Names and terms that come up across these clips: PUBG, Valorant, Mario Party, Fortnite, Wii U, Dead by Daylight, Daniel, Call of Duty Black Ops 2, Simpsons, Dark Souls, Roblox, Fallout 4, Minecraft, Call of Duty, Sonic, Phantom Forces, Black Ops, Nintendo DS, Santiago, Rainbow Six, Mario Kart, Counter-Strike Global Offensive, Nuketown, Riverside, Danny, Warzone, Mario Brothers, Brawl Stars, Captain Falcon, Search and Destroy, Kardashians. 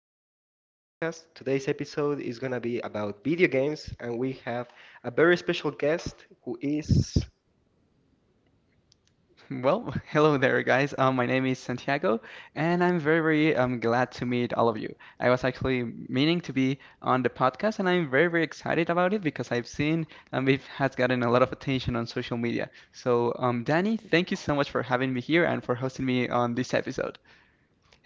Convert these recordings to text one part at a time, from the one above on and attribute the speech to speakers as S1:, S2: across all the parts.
S1: Riverside podcast. Today's episode is going to be about video games, and we have a very special guest who is.
S2: Well, hello there, guys. My name is Santiago, and I'm very, very glad to meet all of you. I was actually meaning to be on the podcast, and I'm very, very excited about it because I've seen it has gotten a lot of attention on social media. So, Danny, thank you so much for having me here and for hosting me on this episode.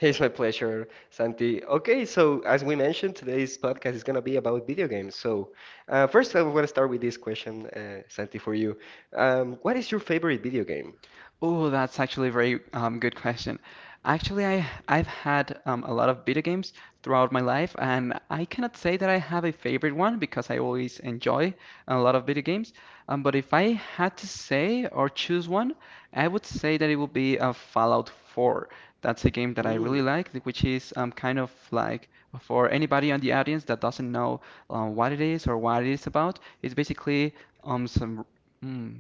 S1: It's my pleasure, Santi. Okay, so as we mentioned, today's podcast is going to be about video games. So, first, I want to start with this question, Santi, for you. What is your favorite video game?
S2: Oh, that's actually a very good question. Actually, I've had a lot of video games throughout my life, and I cannot say that I have a favorite one because I always enjoy a lot of video games. But if I had to say or choose one, I would say that it would be Fallout 4. That's a game that I
S1: Hmm.
S2: really like, which is kind of like for anybody on the audience that doesn't know what it is or what it is about. It's basically um, some. hmm,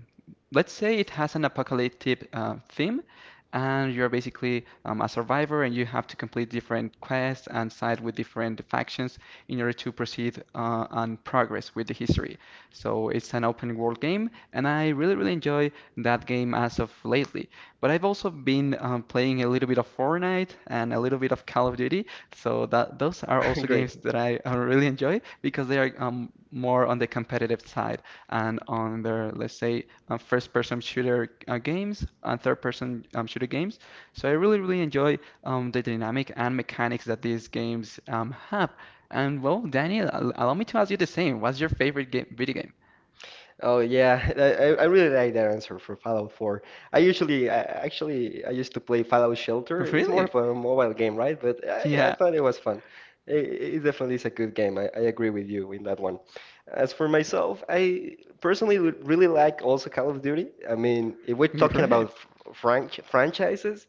S2: let's say it has an apocalyptic theme, and you're basically a survivor, and you have to complete different quests and side with different factions in order to proceed and progress with the history. So it's an open world game, and I really, really enjoy that game as of lately. But I've also been playing a little bit of Fortnite and a little bit of Call of Duty, so that those are also
S1: Great.
S2: games that I really enjoy because they are more on the competitive side and on their, let's say, first-person shooter games and third-person shooter games. So I really, really enjoy the dynamic and mechanics that these games have. And well, Daniel, allow me to ask you the same. What's your favorite game, video game?
S1: Oh yeah, I really like that answer for Fallout 4. I usually, I, actually, I used to play Fallout Shelter. It's more
S2: Really?
S1: of a mobile game, right? But I
S2: Yeah,
S1: thought it was fun. It definitely is a good game. I agree with you in that one. As for myself, I personally would really like also Call of Duty. I mean, if we're talking about
S2: great.
S1: franchises,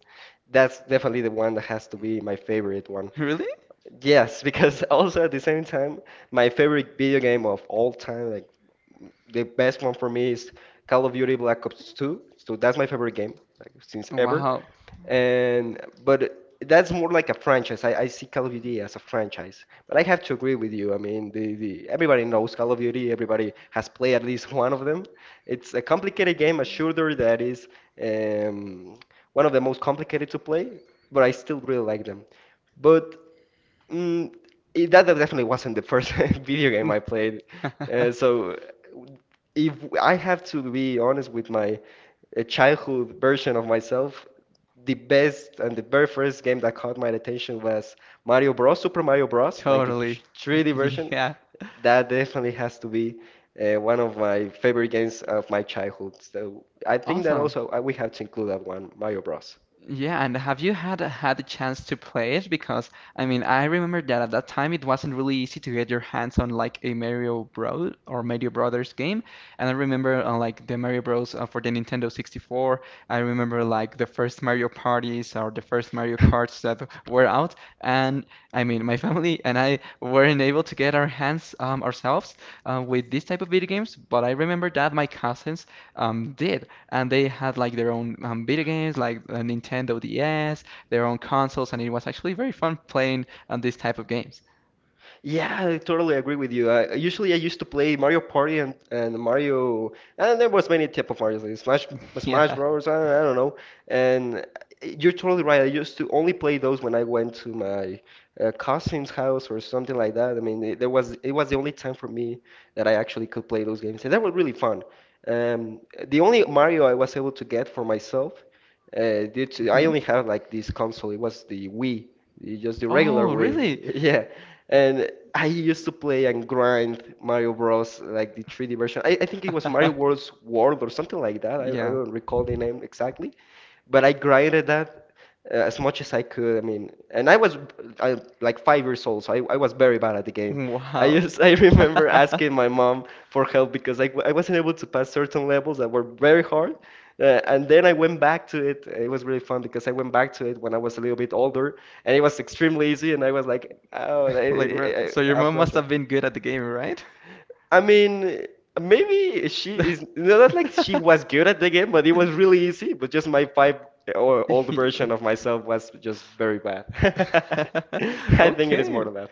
S1: that's definitely the one that has to be my favorite one.
S2: Really?
S1: Yes, because also at the same time, my favorite video game of all time, like the best one for me is Call of Duty Black Ops 2. So that's my favorite game, like since ever.
S2: Wow.
S1: And but that's more like a franchise. I see Call of Duty as a franchise. But I have to agree with you. I mean, the everybody knows Call of Duty. Everybody has played at least one of them. It's a complicated game, a shooter that is um, one of the most complicated to play. But I still really like them. But Mm, that definitely wasn't the first video game I played. Uh, so, if I have to be honest with my childhood version of myself, the best and the very first game that caught my attention was Mario Bros. Super Mario Bros. Like the
S2: Totally.
S1: 3D
S2: Yeah.
S1: version.
S2: Yeah.
S1: That definitely has to be one of my favorite games of my childhood. So I think that
S2: Awesome.
S1: also we have to include that one, Mario Bros.
S2: Yeah, and have you had the chance to play it? Because I mean, I remember that at that time it wasn't really easy to get your hands on like a Mario Bros. Or Mario Brothers game. And I remember like the Mario Bros. For the Nintendo 64. I remember like the first Mario parties or the first Mario Karts that were out. And I mean, my family and I weren't able to get our hands ourselves with this type of video games. But I remember that my cousins did and they had like their own video games, like a Nintendo DS, their own consoles, and it was actually very fun playing on these type of games.
S1: Yeah, I totally agree with you. I used to play Mario Party and Mario, and there was many type of Mario, like Smash
S2: Yeah.
S1: Smash Bros. I don't know. And you're totally right. I used to only play those when I went to my cousin's house or something like that. I mean, it was the only time for me that I actually could play those games, and that was really fun. Um, the only Mario I was able to get for myself due to I
S2: Mhm.
S1: only had like this console. It was the Wii, just the regular
S2: Oh, really?
S1: Wii. Yeah, and I used to play and grind Mario Bros. Like the 3D version. I think it was Mario Bros. World or something like that. I
S2: Yeah.
S1: don't recall the name exactly, but I grinded that as much as I could. I mean, and like 5 years old, so I was very bad at the game. I
S2: Wow.
S1: just I remember asking my mom for help because I wasn't able to pass certain levels that were very hard. And then I went back to it. It was really fun because I went back to it when I was a little bit older, and it was extremely easy. And I was like, oh,
S2: Like, bro, so your
S1: I'm
S2: mom must
S1: flashback.
S2: have been good at the game, right?
S1: I mean, maybe she is not like she was good at the game, but it was really easy. But just my five or old version of myself was just very bad. I think it is more
S2: Okay.
S1: than that.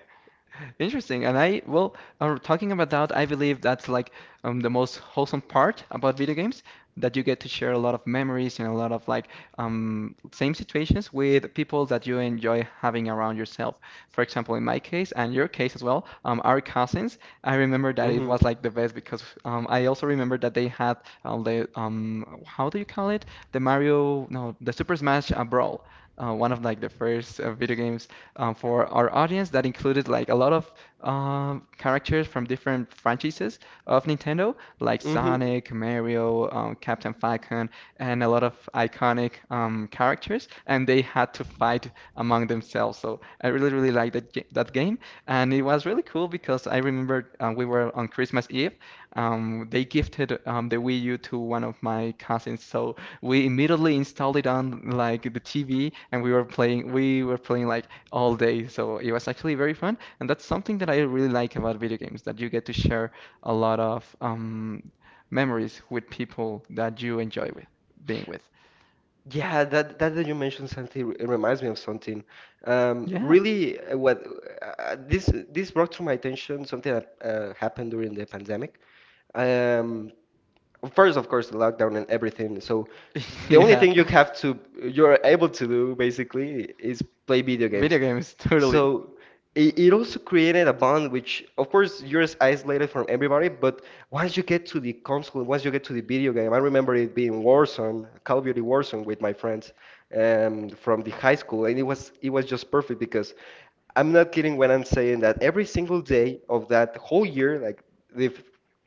S2: Interesting. And I, well, talking about that, I believe that's like the most wholesome part about video games, that you get to share a lot of memories and a lot of like same situations with people that you enjoy having around yourself. For example, in my case and your case as well, our cousins, I remember that it
S1: Hmm.
S2: was like the best because I also remember that they had how do you call it? The Mario, no, the Super Smash Brawl. One of like the first video games for our audience that included like a lot of characters from different franchises of Nintendo, like
S1: Hmm.
S2: Sonic, Mario, Captain Falcon, and a lot of iconic characters, and they had to fight among themselves. So I really, really liked that game, and it was really cool because I remember we were on Christmas Eve. They gifted the Wii U to one of my cousins, so we immediately installed it on like the TV, and we were playing. We were playing like all day. So it was actually very fun, and that's something that I really like about video games, that you get to share a lot of memories with people that you enjoy with being with.
S1: Yeah, that you mentioned something it reminds me of something.
S2: Yeah,
S1: Really, what This brought to my attention something that happened during the pandemic. Um, First, of course, the lockdown and everything. So the only
S2: yeah,
S1: thing you're able to do basically is play video
S2: video
S1: games.
S2: games totally.
S1: So it also created a bond which, of course, you're isolated from everybody, but once you get to the console, once you get to the video game, I remember it being Warzone, Call of Duty Warzone with my friends from the high school, and it was just perfect because I'm not kidding when I'm saying that every single day of that whole year, like the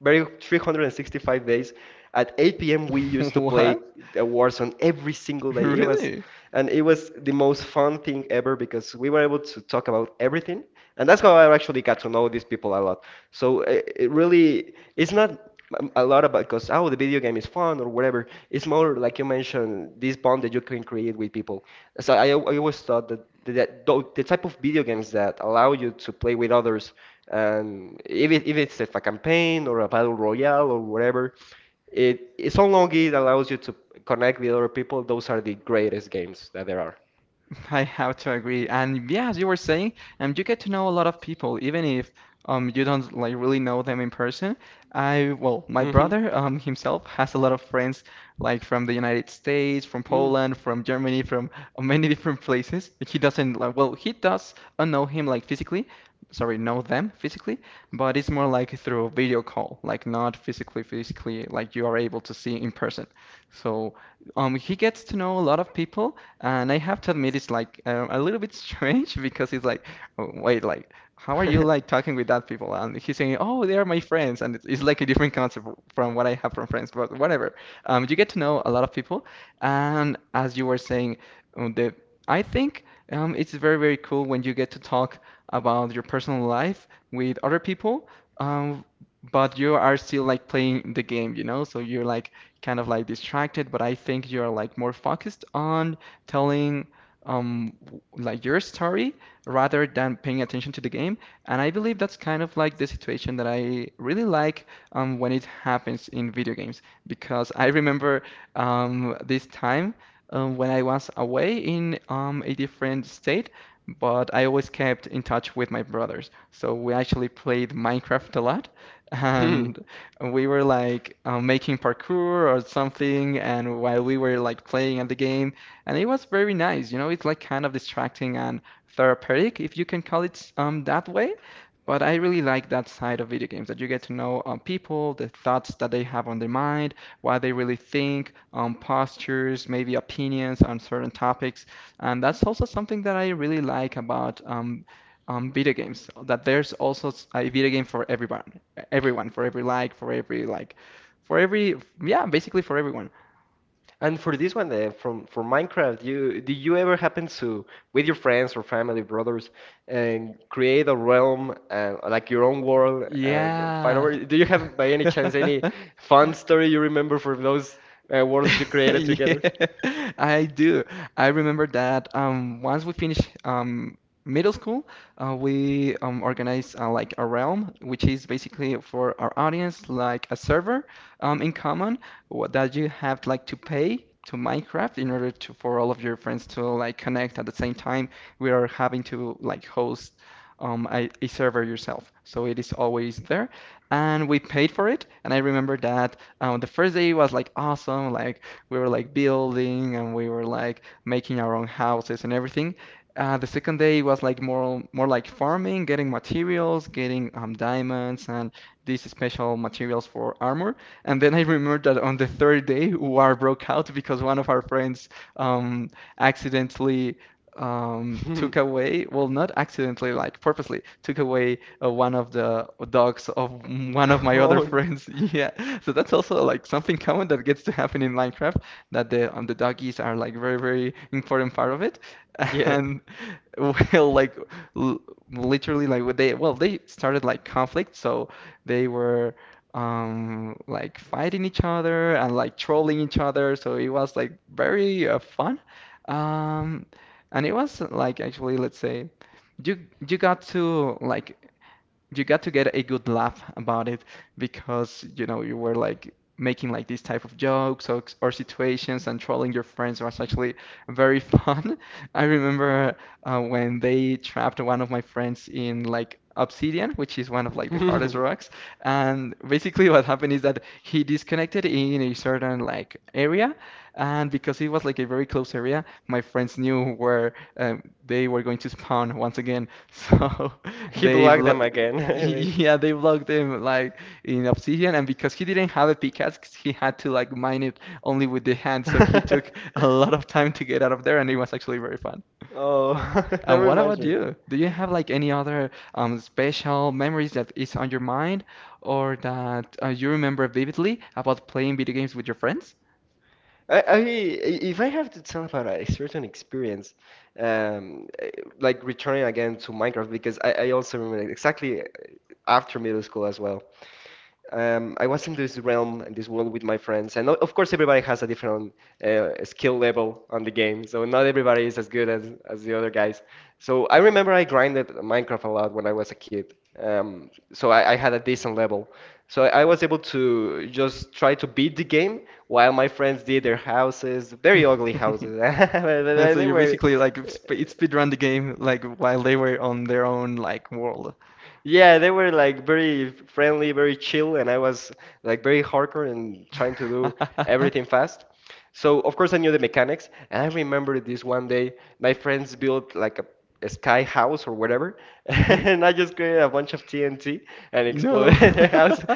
S1: very 365 days. At 8 p.m. we used to play
S2: What?
S1: a Warzone every single day.
S2: Really?
S1: And it was the most fun thing ever because we were able to talk about everything, and that's how I actually got to know these people a lot. So it really, it's not a lot about because oh the video game is fun or whatever. It's more like you mentioned this bond that you can create with people. So I always thought that the type of video games that allow you to play with others, and if it's if a campaign or a battle royale or whatever, it it's so long it allows you to connect with other people. Those are the greatest games that there are.
S2: I have to agree. And yeah, as you were saying, you get to know a lot of people, even if you don't like really know them in person. I, well, my
S1: Mm-hmm.
S2: brother himself has a lot of friends like from the United States, from Poland, from Germany, from many different places. He doesn't like, well, he does know him like physically, sorry, know them physically, but it's more like through video call, like not physically, physically like you are able to see in person. So he gets to know a lot of people. And I have to admit, it's like a little bit strange because it's like, "Oh, wait, like, how are you
S1: Mm.
S2: like talking with that people? And he's saying, oh, they are my friends. And it's like a different concept from what I have from friends, but whatever. You get to know a lot of people. And as you were saying, um, the, I think it's very, very cool when you get to talk about your personal life with other people. Um, but you are still like playing the game, you know? So you're like kind of like distracted, but I think you're like more focused on telling like your story rather than paying attention to the game. And I believe that's kind of like the situation that I really like when it happens in video games because I remember this time when I was away in a different state. But I always kept in touch with my brothers. So we actually played Minecraft a lot.
S1: Hmm.
S2: And we were like making parkour or something. And while we were like playing at the game, and it was very nice. You know, it's like kind of distracting and therapeutic, if you can call it that way. But I really like that side of video games that you get to know people, the thoughts that they have on their mind, what they really think, postures, maybe opinions on certain topics. And that's also something that I really like about video games, that there's also a video game for everyone, everyone, for every like, for every like, for every, yeah, basically for everyone.
S1: And for this one, from for Minecraft, you ever happen to, with your friends or family, brothers, and create a realm and like your own world and fight
S2: Yeah.
S1: over it? Do you have by any chance any fun story you remember from those worlds you created
S2: Yeah,
S1: together?
S2: I do. I remember that once we finished middle school, we organized like a realm, which is basically for our audience like a server in common that you have like to pay to Minecraft in order to for all of your friends to like connect at the same time. We are having to like host a server yourself, so it is always there, and we paid for it. And I remember that. The first day was like awesome. Like we were like building and we were like making our own houses and everything. The second day was like more like farming, getting materials, getting diamonds and these special materials for armor. And then I remember that on the third day, war broke out because one of our friends um, accidentally, took away, well, not accidentally, like purposely, took away one of the dogs of one of my
S1: Oh,
S2: other
S1: no.
S2: friends. Yeah, so that's also like something common that gets to happen in Minecraft, that the doggies are like very, very important part of it.
S1: Yeah.
S2: And well, like l literally, they started like conflict, so they were. Like fighting each other and like trolling each other, so it was like very fun. Um, and it was like actually, let's say, you you got to like you got to get a good laugh about it because you know you were like making like these type of jokes or situations and trolling your friends was actually very fun. I remember when they trapped one of my friends in like obsidian, which is one of like the hardest rocks, and basically what happened is that he disconnected in a certain like area and because it was like a very close area, my friends knew where they were going to spawn once again. So
S1: He
S2: they,
S1: blocked
S2: blo-
S1: them again.
S2: yeah, they blocked him like in Obsidian. And because he didn't have a pickaxe, he had to like mine it only with the hand. So he took a lot of time to get out of there, and it was actually very fun.
S1: Oh, that
S2: And what
S1: reminds
S2: about
S1: me.
S2: you? Do you have like any other special memories that is on your mind, or that you remember vividly about playing video games with your friends?
S1: I If I have to tell about a certain experience, um, eh, like returning again to Minecraft because I also remember exactly after middle school as well, I was in this realm, in this world with my friends, and of course everybody has a different skill level on the game, so not everybody is as good as the other guys. So I remember I grinded Minecraft a lot when I was a kid, so I had a decent level. So I was able to just try to beat the game while my friends did their houses, very ugly houses.
S2: Yeah, so
S1: They
S2: you're
S1: were.
S2: basically like sp it speed run the game like while they were on their own like world.
S1: Yeah, they were like very friendly, very chill, and I was like very hardcore and trying to do everything fast. So of course I knew the mechanics, and I remember this one day my friends built like a sky house or whatever,
S2: hmm
S1: and I just created a bunch of TNT and
S2: No.
S1: exploded their house,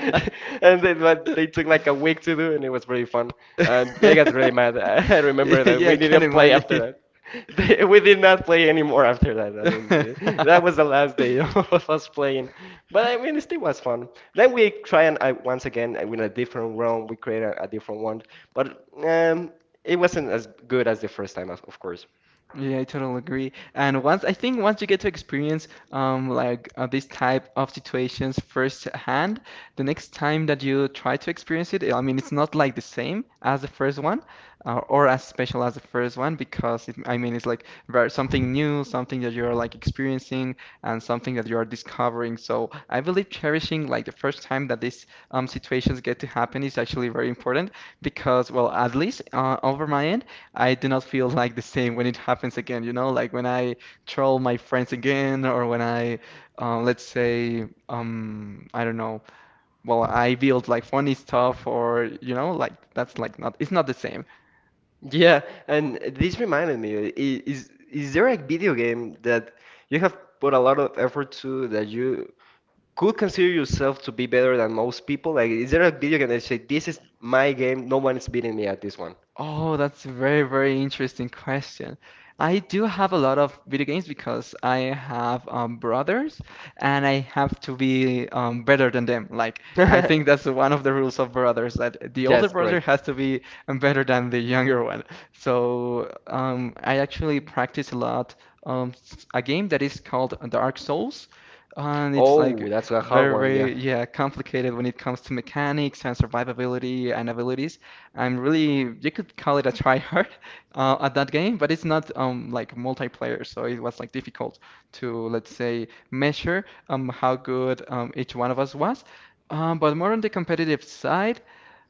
S1: and then but they took like a week to do, and it was really fun. And they got really mad. I remember that
S2: Yeah,
S1: we
S2: I can
S1: didn't play after
S2: imagine.
S1: that. We did not play anymore after that. I mean, that was the last day of us playing. But I mean, it still was fun. Then we try and I, once again with a different room. We create a different one, but it wasn't as good as the first time, of course.
S2: Yeah, I totally agree. And once I think once you get to experience like this type of situations firsthand, the next time that you try to experience it, I mean it's not like the same as the first one, or as special as the first one because it, I mean it's like very, something new, something that you're like experiencing and something that you're discovering. So I believe cherishing like the first time that these situations get to happen is actually very important because well at least over my end. I do not feel like the same when it happens again, you know, like when I troll my friends again, or when I let's say, I don't know, well, I build like funny stuff, or you know, like that's like not, it's not the same.
S1: Yeah, and this reminded me, is there a video game that you have put a lot of effort to that you could consider yourself to be better than most people? Like, is there a video game that you say, this is my game, no one is beating me at this one?
S2: Oh, that's a very, very interesting question. I do have a lot of video games because I have brothers and I have to be better than them. Like, I think that's one of the rules of brothers that the older
S1: Yes, great.
S2: brother has to be better than the younger one. So, I actually practice a lot a game that is called Dark Souls. And it's like
S1: Oh, that's a hard
S2: very,
S1: one, yeah.
S2: very, yeah, complicated when it comes to mechanics and survivability and abilities. I'm really you could call it a tryhard at that game, but it's not like multiplayer, so it was like difficult to let's say measure how good each one of us was. But more on the competitive side,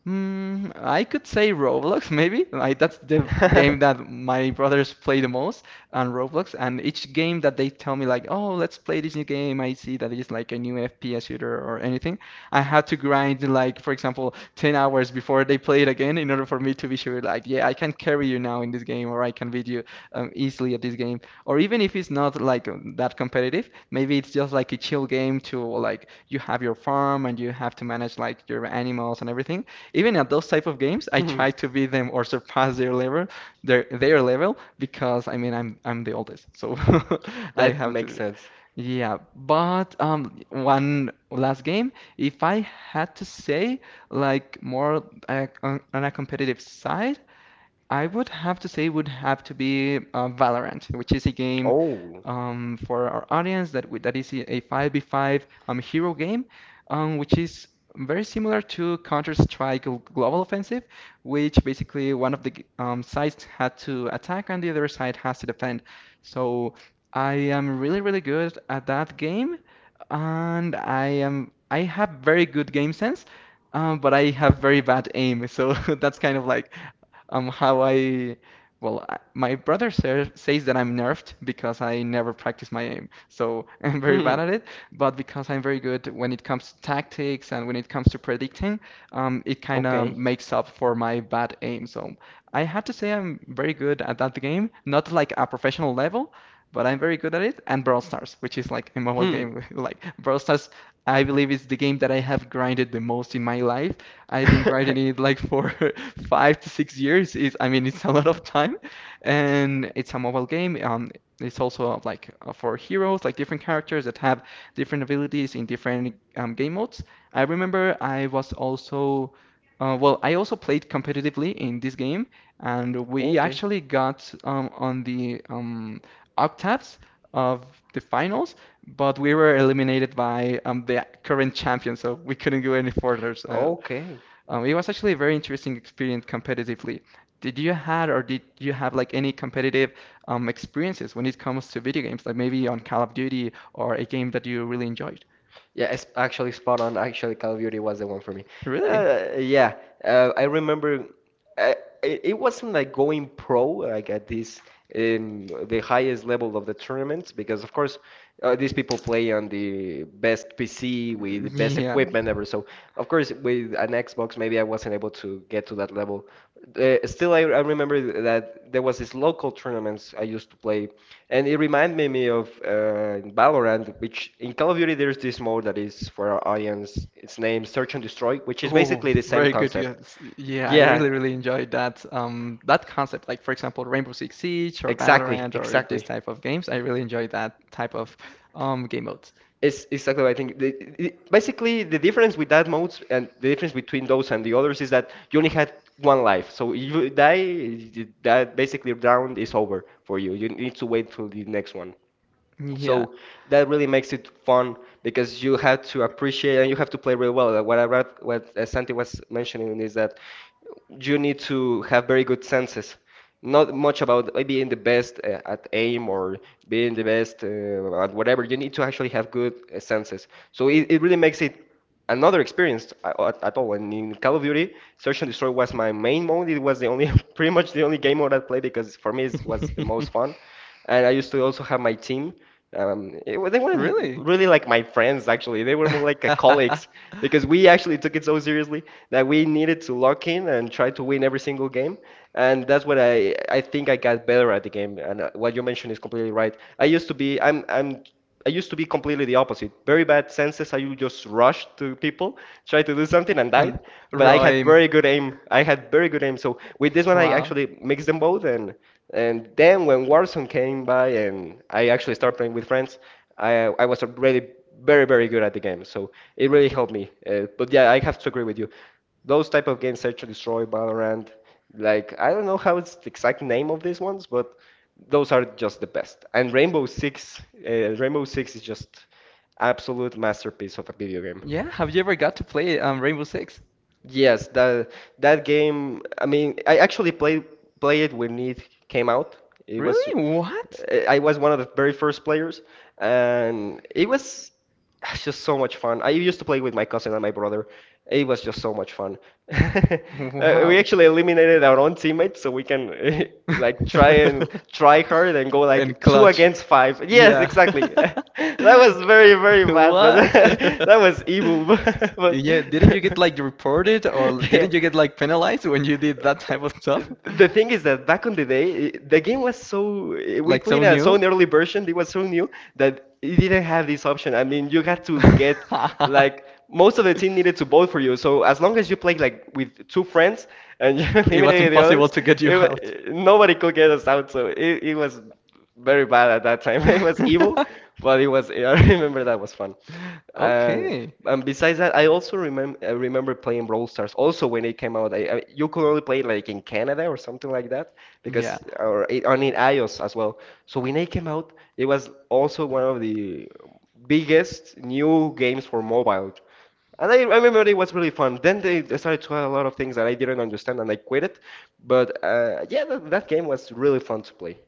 S2: Mm, I could say Roblox, maybe. Like, that's the game that my brothers play the most on Roblox. And each game that they tell me, like, oh, let's play this new game, I see that it's like a new FPS shooter or anything. I had to grind, like, for example, 10 hours before they play it again in order for me to be sure, like, yeah, I can carry you now in this game, or I can beat you easily at this game. Or even if it's not like that competitive, maybe it's just like a chill game to like you have your farm and you have to manage like your animals and everything even at those type of games, I
S1: Hmm.
S2: try to beat them or surpass their level, their level, because I mean I'm the oldest, so I
S1: That
S2: have
S1: makes
S2: to.
S1: sense.
S2: Yeah, but one last game, if I had to say, like more on a competitive side, I would have to say would have to be Valorant, which is a game
S1: Oh.
S2: for our audience that we, that is a 5v5 hero game, which is very similar to Counter-Strike Global Offensive, which basically one of the sides had to attack and the other side has to defend. So I am really, really good at that game, and I am I have very good game sense, but I have very bad aim. So that's kind of like how I, well, I, my brother says that I'm nerfed because I never practice my aim. So I'm very
S1: Hmm.
S2: bad at it, but because I'm very good when it comes to tactics and when it comes to predicting, it kind of
S1: Okay.
S2: makes up for my bad aim. So I had to say I'm very good at that game, not like a professional level, but I'm very good at it. And Brawl Stars, which is like a mobile
S1: Hmm.
S2: game, like Brawl Stars, I believe is the game that I have grinded the most in my life I've been grinding it like for 5 to 6 years. Is I mean, it's a lot of time, and it's a mobile game. It's also like for heroes, like different characters that have different abilities in different game modes. I remember I was also, I also played competitively in this game, and we
S1: Okay.
S2: actually got on the octaves of the finals, but we were eliminated by the current champion, so we couldn't go any further. So
S1: Okay.
S2: it was actually a very interesting experience competitively. Did you have like any competitive experiences when it comes to video games, like maybe on Call of Duty or a game that you really enjoyed?
S1: Yeah, it's actually spot on. Actually, Call of Duty was the one for me.
S2: Really?
S1: Uh, yeah, I remember. Uh, it wasn't like going pro, like at this the highest level of the tournaments, because of course these people play on the best PC with the best
S2: Yeah.
S1: equipment ever. So of course, we an Xbox, maybe I wasn't able to get to that level. Still, I remember that there was these local tournaments I used to play, and it reminded me of in Valorant, which in Call of Duty there's this mode that is for our audience. It's named Search and Destroy, which is
S2: Oh,
S1: basically the same
S2: very good.
S1: concept.
S2: Yes. Yeah, I
S1: Yeah,
S2: really, really enjoyed that that concept. Like for example, Rainbow Six Siege or
S1: exactly,
S2: Valorant or this
S1: exactly.
S2: type of games. I really enjoy that type of game modes.
S1: It's exactly what I think. Basically, the difference with that modes and the difference between those and the others is that you only had one life. So if you die, that basically round is over for you. You need to wait till the next one.
S2: Yeah.
S1: So that really makes it fun because you have to appreciate and you have to play really well. Like, what I read, what Santi was mentioning is that you need to have very good senses. Not much about being the best at aim or being the best at whatever. You need to actually have good senses. So it really makes it another experience at all. And in Call of Duty, Search and Destroy was my main mode. It was pretty much the only game mode I played because for me it was the most fun. And I used to also have my team. They weren't
S2: Really?
S1: really like my friends, actually. They were more like colleagues because we actually took it so seriously that we needed to lock in and try to win every single game. And that's what I think I got better at the game. And what you mentioned is completely right. I used to be completely the opposite. Very bad senses. I would just rush to people, try to do something, and
S2: And
S1: died. But I had
S2: Rhyme.
S1: very good aim. I had very good aim. So with this one, I
S2: Wow.
S1: actually mixed them both, and then when Warzone came by, and I actually started playing with friends, I I was already very very good at the game. So it really helped me. But yeah, I have to agree with you, those type of games, Search and Destroy, Valorant, like I don't know how it's the exact name of these ones, but those are just the best. And Rainbow Six is just absolute masterpiece of a video game.
S2: Yeah, have you ever got to play Rainbow Six?
S1: Yes, that game. I mean, I actually played play it when it came out. It was
S2: Really? What?
S1: I was one of the very first players, and it was just so much fun. I used to play with my cousin and my brother. It was just so much fun. We
S2: Wow.
S1: actually eliminated our own teammates so we can like try and try hard and go like
S2: And
S1: two
S2: Clutch.
S1: against five. Yes,
S2: Yeah.
S1: exactly. That was very, very bad, but
S2: What?
S1: that was evil, but.
S2: Yeah, didn't you get like reported or
S1: Yeah.
S2: didn't you get like penalized when you did that type of stuff?
S1: The thing is that, back on the day, the game was so, we
S2: Like
S1: played
S2: so
S1: a so an
S2: new?
S1: early version. It was so new that it didn't have this option. I mean, you had to get, like, most of the team needed to vote for you. So as long as you played, like, with two friends and you
S2: It was
S1: eliminated the
S2: impossible
S1: others,
S2: to get you out.
S1: nobody could get us out. So it was very bad at that time. It was evil, but it was. I remember that was fun. And
S2: Okay.
S1: and besides that, I also remember, I remember playing Brawl Stars. Also, when it came out, you could only play it, like, in Canada or something like that,
S2: Yeah.
S1: because or it, on in iOS as well. So when it came out, it was also one of the biggest new games for mobile. And I remember it was really fun. Then they started to add a lot of things that I didn't understand, and I quit it. But yeah, that game was really fun to play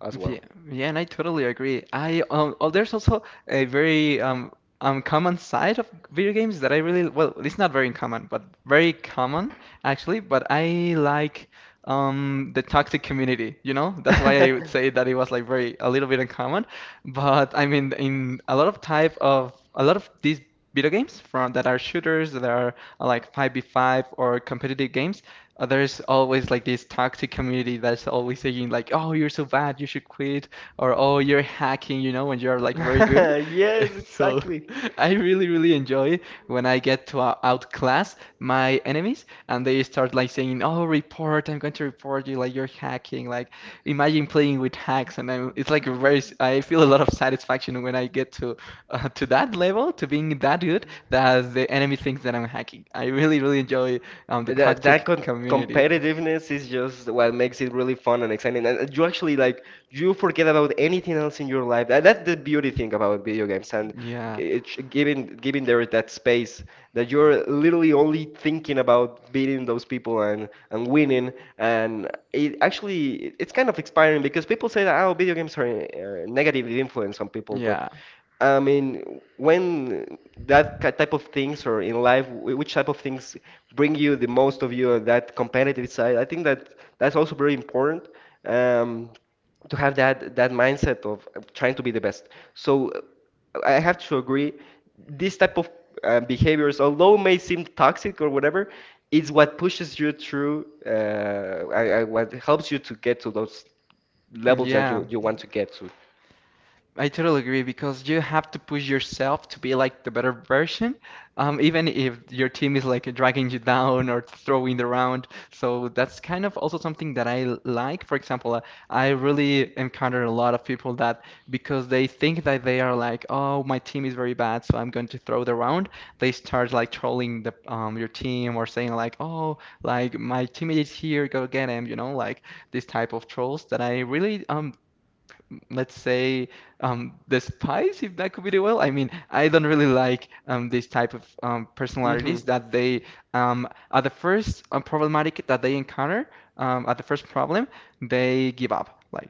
S1: as well.
S2: Yeah, yeah, and I totally agree. I oh, there's also a very common side of video games that I really well, it's not very common, but very common actually. But I like the toxic community, you know? That's why I would say that it was like very a little bit uncommon. But I mean, in a lot of type of a lot of these video games from that are shooters that are like 5v5 or competitive games there's always like this toxic community that's always saying like, "Oh, you're so bad, you should quit," or "Oh, you're hacking," you know, when you're like very good.
S1: Yes,
S2: So
S1: exactly.
S2: I really, really enjoy when I get to outclass my enemies and they start like saying, "Oh, report! I'm going to report you. Like you're hacking." Like imagine playing with hacks, it's like a I feel a lot of satisfaction when I get to that level, to being that good that the enemy thinks that I'm hacking. I really, really enjoy the
S1: That
S2: tactic
S1: com
S2: community.
S1: competitiveness is just what makes it really fun and exciting. And you actually, like, you forget about anything else in your life. That's the beauty thing about video games and
S2: Yeah,
S1: it, giving giving there that space that you're literally only thinking about beating those people and winning. And it actually, it's kind of inspiring because people say that, oh, video games are a negative influence on people, but
S2: yeah,
S1: I mean, when that type of things, or in life, which type of things bring you the most of you, that competitive side, I think that that's also very important, um, to have that mindset of trying to be the best. So I have to agree, this type of behaviors, although may seem toxic or whatever, is what pushes you through, what helps you to get to those levels that
S2: yeah.
S1: you want to get to.
S2: I totally agree because you have to push yourself to be like the better version, even if your team is like dragging you down or throwing the round. So that's kind of also something that like. For example, I really encounter a lot of people that because they think that they are like, oh, my team is very bad, so I'm going to throw the round. They start like trolling the your team or saying like, oh, like my teammate is here, go get him. You know, like this type of trolls that I really let's say the spies, if that could be the well. I mean, I don't really like this type of
S1: Hmm.
S2: personalities that they at the first problematic that they encounter at the first problem, they give up. Like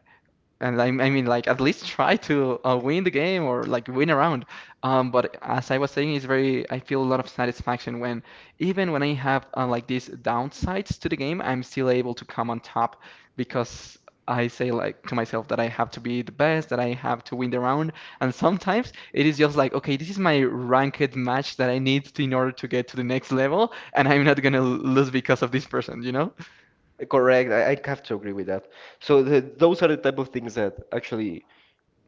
S2: and I mean, like at least try to win the game or like win a round. But as I was saying, it's very. I feel a lot of satisfaction when, even when I have like these downsides to the game, I'm still able to come on top because I say like to myself that I have to be the best, that I have to win the round. And sometimes it is just like, okay, this is my ranked match that I need to- in order to get to the next level, and I'm not gonna lose because of this person, you know?
S1: Correct. I have to agree with that. So those are the type of things that actually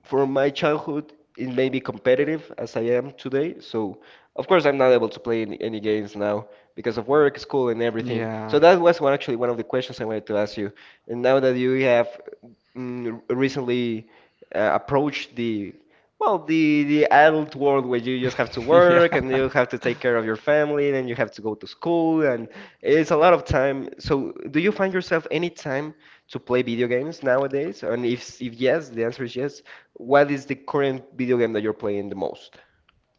S1: from my childhood, it made me competitive as I am today. So, of course, I'm not able to play any games now because of work, school, and everything. So
S2: Yeah,
S1: that was one actually one of the questions I wanted to ask you. And now that you have recently approached the, well, the adult world where you just have to
S2: yeah.
S1: work, and you have to take care of your family, then you have to go to school, and it's a lot of time. So, do you find yourself any time to play video games nowadays? And if yes, the answer is yes, what is the current video game that you're playing the most?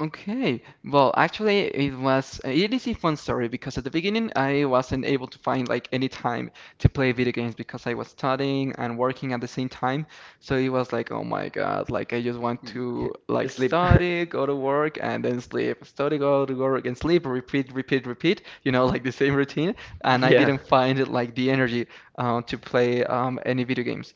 S2: Okay. Well, actually, it is a fun story because at the beginning I wasn't able to find like any time to play video games because I was studying and working at the same time. So it was like, oh my God, like I just want to like
S1: Sleep.
S2: study, go to work, and then sleep. Study, go to work, and sleep. Repeat, repeat, repeat. You know, like the same routine. And I
S1: Yeah.
S2: didn't find like the energy to play any video games.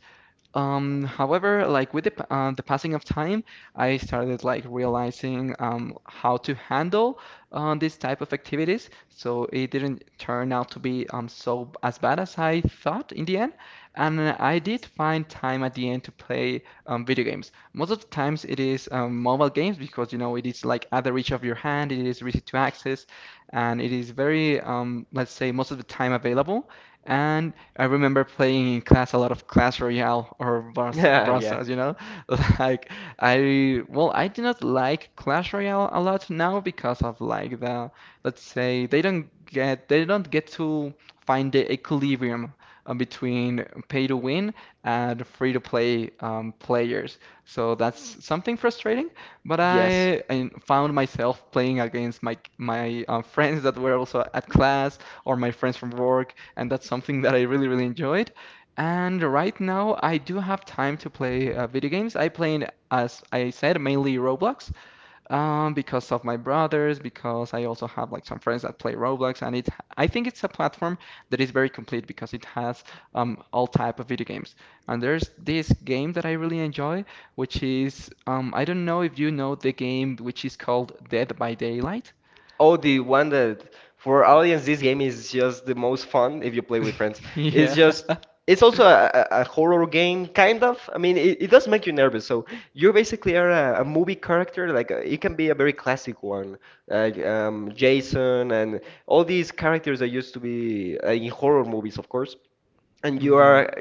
S2: However, like with the passing of time, I started like realizing how to handle this type of activities. So it didn't turn out to be as bad as I thought in the end. And I did find time at the end to play video games. Most of the times it is mobile games because you know it is like at the reach of your hand, it is easy to access, and it is very let's say most of the time available. And I remember playing in class a lot of Clash Royale or
S1: Yeah,
S2: Brawl
S1: yeah.
S2: Stars, you know? Like I well, I do not like Clash Royale a lot now because of like the. Let's say they don't get to find the equilibrium between pay to win and free to play players. So that's something frustrating, but
S1: Yes.
S2: I found myself playing against my friends that were also at class or my friends from work, and that's something that I really, really enjoyed. And right now, I do have time to play video games. I play, as I said, mainly Roblox because of my brothers, because I also have like some friends that play Roblox, and it. I think it's a platform that is very complete because it has all type of video games. And there's this game that I really enjoy, which is I don't know if you know the game, which is called Dead by Daylight.
S1: Oh, the one that, for audience, this game is just the most fun if you play with friends. It's
S2: Yeah.
S1: just, it's also a horror game, kind of. I mean, it does make you nervous. So you basically are a movie character. Like it can be a very classic one, like Jason and all these characters that used to be in horror movies, of course, and
S2: Yeah.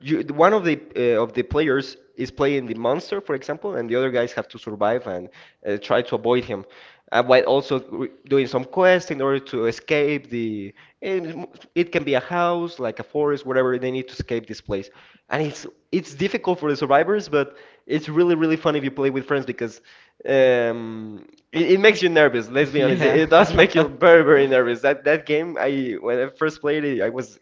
S1: you, one of the players, is playing the monster, for example, and the other guys have to survive and try to avoid him while also doing some quests in order to escape the, and it can be a house, like a forest, whatever, they need to escape this place, and it's difficult for the survivors, but it's really really fun if you play with friends because it makes you nervous. Let's be honest, it,
S2: Yeah.
S1: it does make you very very nervous. That game, I when I first played it, I was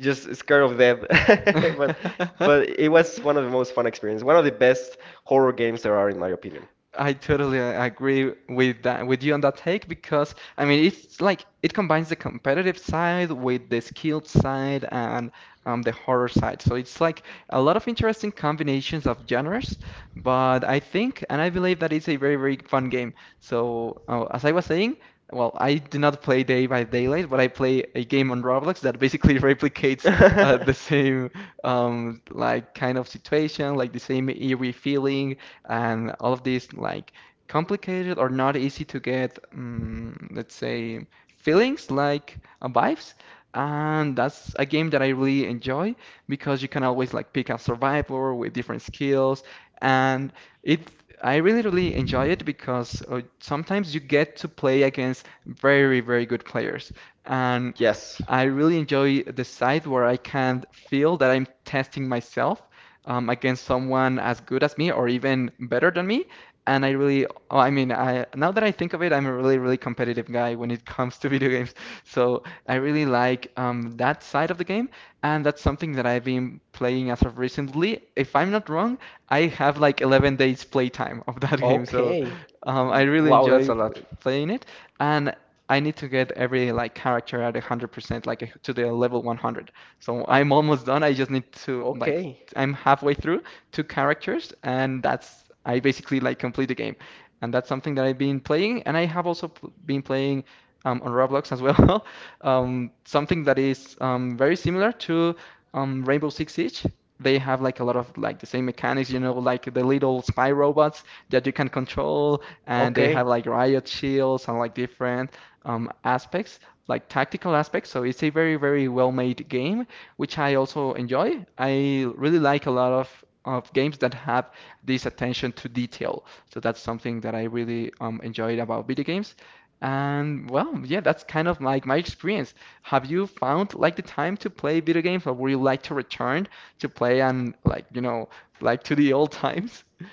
S1: just scared of death. But but it was one of the most fun experience, one of the best horror games there are, in my opinion.
S2: I totally agree with that with you on that take because I mean it's like it combines the competitive side with the skilled side and the horror side. So it's like a lot of interesting combinations of genres, but I think and I believe that it's a very, very fun game. So as I was saying, well, I do not play Day by Daylight, but I play a game on Roblox that basically replicates the same like kind of situation, like the same eerie feeling and all of these like complicated or not easy to get, let's say, feelings like vibes. And that's a game that I really enjoy because you can always like pick a survivor with different skills, and it. I really, really enjoy it because sometimes you get to play against very, very good players, and
S1: Yes.
S2: I really enjoy the side where I can feel that I'm testing myself against someone as good as me or even better than me. And I really, oh, I mean, I now that I think of it, I'm a really, really competitive guy when it comes to video games. So I really like that side of the game, and that's something that I've been playing as of recently. If I'm not wrong, I have like 11 days playtime of that game, so
S1: Okay.
S2: I really
S1: Wow, that's
S2: enjoy
S1: a lot.
S2: playing it, and I need to get every like character at 100%, like to the level 100. So I'm almost done. I just need to like.
S1: Okay.
S2: I'm halfway through two characters, and that's. I basically like complete the game, and that's something that I've been playing, and I have also been playing on Roblox as well, something that is very similar to Rainbow Six Siege. They have like a lot of like the same mechanics, you know, like the little spy robots that you can control, and they have
S1: Okay.
S2: like riot shields and like different aspects, like tactical aspects. So it's a very, very well made game, which I also enjoy. I really like a lot of games that have this attention to detail. So that's something that I really enjoyed about video games. And well, yeah, that's kind of like my experience. Have you found like the time to play video games, or would you like to return to play and like, you know, like to the old times?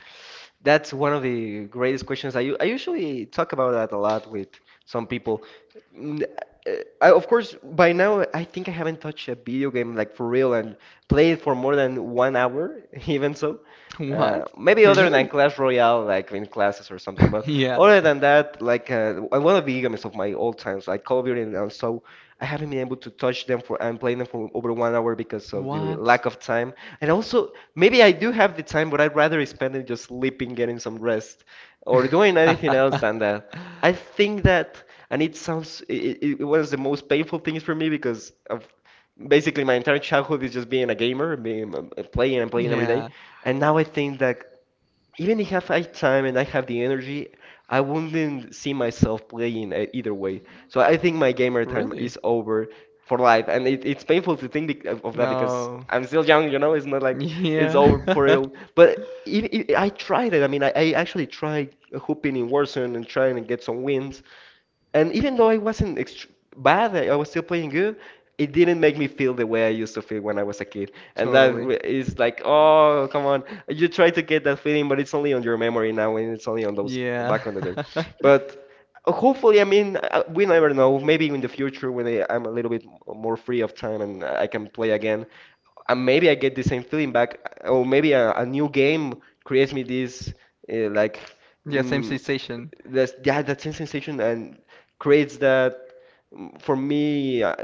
S1: That's one of the greatest questions. I usually talk about that a lot with some people. Mm, uh, I, of course, by now, I think I haven't touched a video game, like, for real, and played for more than 1 hour, even so. Uh,
S2: What?
S1: maybe other than
S2: Really?
S1: Clash Royale, like in classes or something, but
S2: Yeah.
S1: other than that, like, one of the games of my old times, like Call of Duty and so, I haven't been able to touch them for and play them for over 1 hour because of the
S2: What?
S1: lack of time. And also, maybe I do have the time, but I'd rather spend it just sleeping, getting some rest, or doing anything else than that. I think that, and it sounds, it was the most painful things for me because, of basically, my entire childhood is just being a gamer, being playing and playing every day.
S2: Yeah,
S1: And now I think that, even if I have time and I have the energy, I wouldn't see myself playing either way. So I think my gamer time
S2: really?
S1: is over for life, and it's painful to think of that because
S2: No.
S1: I'm still young, you know. It's not like it's
S2: Yeah.
S1: over for real. But if, I tried it. I mean, I actually tried hooping in Warzone and trying to get some wins, and even though I wasn't bad, I was still playing good. It didn't make me feel the way I used to feel when I was a kid. And that
S2: Totally.
S1: is like, oh, come on. You try to get that feeling, but it's only on your memory now, and it's only on those
S2: Yeah.
S1: back on the day. But hopefully, I mean, we never know. Maybe in the future, when I'm a little bit more free of time and I can play again, and maybe I get the same feeling back, or maybe a new game creates me this like
S2: Yeah, same
S1: mm,
S2: sensation.
S1: that's, yeah, that same sensation and creates that, for me,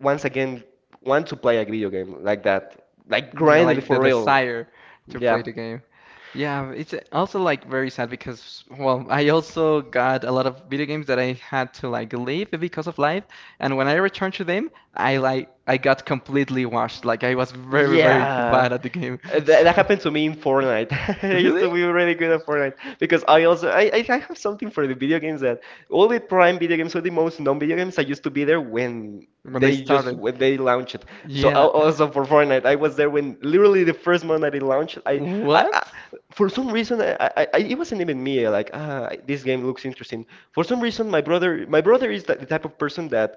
S1: once again, want to play a video game like that, like
S2: Yeah,
S1: grinding
S2: like
S1: for
S2: the
S1: real.
S2: desire to
S1: Yeah.
S2: play the game. Yeah, it's also like very sad because, well, I also got a lot of video games that I had to like leave because of life, and when I returned to them, I got completely washed. Like I was very,
S1: Yeah.
S2: very
S1: Uh,
S2: bad at the game. So,
S1: That, that happened to me in Fortnite. I used
S2: really?
S1: to be really good at Fortnite because I also, I have something for the video games that all the prime video games or the most known video games I used to be there
S2: When they started.
S1: when they launched it. So
S2: Yeah.
S1: also for Fortnite, I was there when literally the first month that it launched. I
S2: What?
S1: for some reason I it wasn't even me like, ah, this game looks interesting. For some reason my brother is the type of person that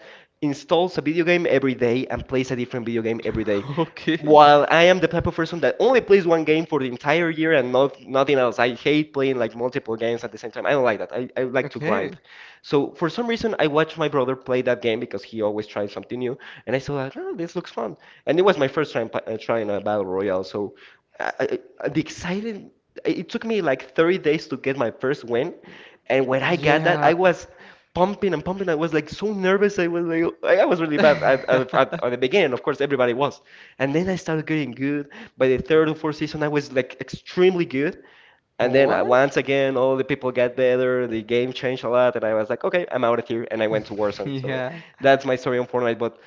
S1: installs a video game every day and plays a different video game every day.
S2: Okay.
S1: While I am the type of person that only plays one game for the entire year and not nothing else, I hate playing like multiple games at the same time. I don't like that. I like to grind.
S2: Okay.
S1: So for some reason, I watched my brother play that game because he always tries something new, and I saw like, oh, this looks fun. And it was my first time trying a battle royale, so I the excited. It took me like 30 days to get my first win, and when I got that,
S2: Yeah.
S1: I was pumping and pumping. I was like so nervous. I was like, I was really bad at the beginning. Of course, everybody was. And then I started getting good. By the third or fourth season, I was like extremely good. And then
S2: What?
S1: once again, all the people got better. The game changed a lot, and I was like, okay, I'm out of here, and I went to Warzone. So
S2: Yeah,
S1: that's my story on Fortnite. But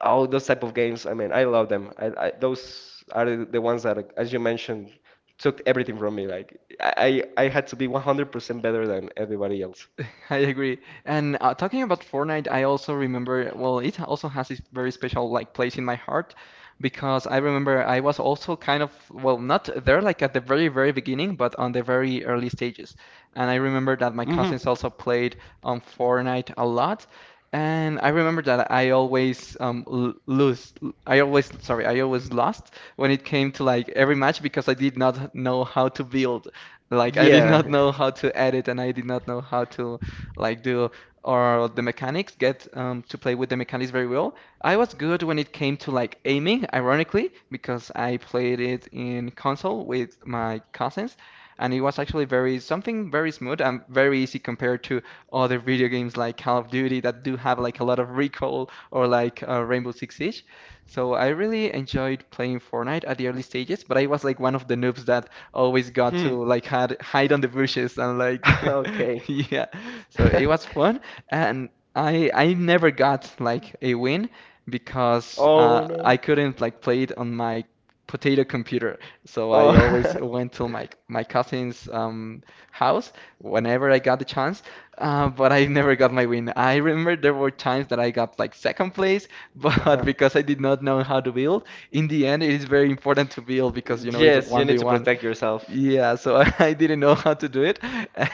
S1: all those type of games, I mean, I love them. I, those are the ones that, as you mentioned, took everything from me. Like I I had to be 100% better than everybody else.
S2: I agree. And talking about Fortnite, I also remember, well, it also has this very special like place in my heart because I remember I was also kind of, well, not there like at the very, very beginning, but on the very early stages. And I remember that my
S1: hmm
S2: cousins also played on Fortnite a lot. And I remember that I always l lose I always sorry I always lost when it came to like every match because I did not know how to build. Like I did not
S1: Yeah.
S2: know how to edit, and I did not know how to like do. Or the mechanics, get to play with the mechanics very well. I was good when it came to like aiming, ironically, because I played it in console with my cousins, and it was actually very something very smooth and very easy compared to other video games like Call of Duty that do have like a lot of recoil or like Rainbow Six Siege. So I really enjoyed playing Fortnite at the early stages, but I was like one of the noobs that always got
S1: Hmm.
S2: to like hide on the bushes and like
S1: Okay.
S2: yeah. So it was fun, and I never got like a win because
S1: Oh
S2: I
S1: no.
S2: couldn't like play it on my potato computer. So
S1: Oh,
S2: I always went to my cousin's house whenever I got the chance. But I never got my win. I remember there were times that I got like second place,
S1: uh-huh.
S2: but because I did not know how to build, in the end, it is very important to build because you know it's
S1: Yes, you need to
S2: 1v1.
S1: protect yourself.
S2: Yeah, so I didn't know how to do it,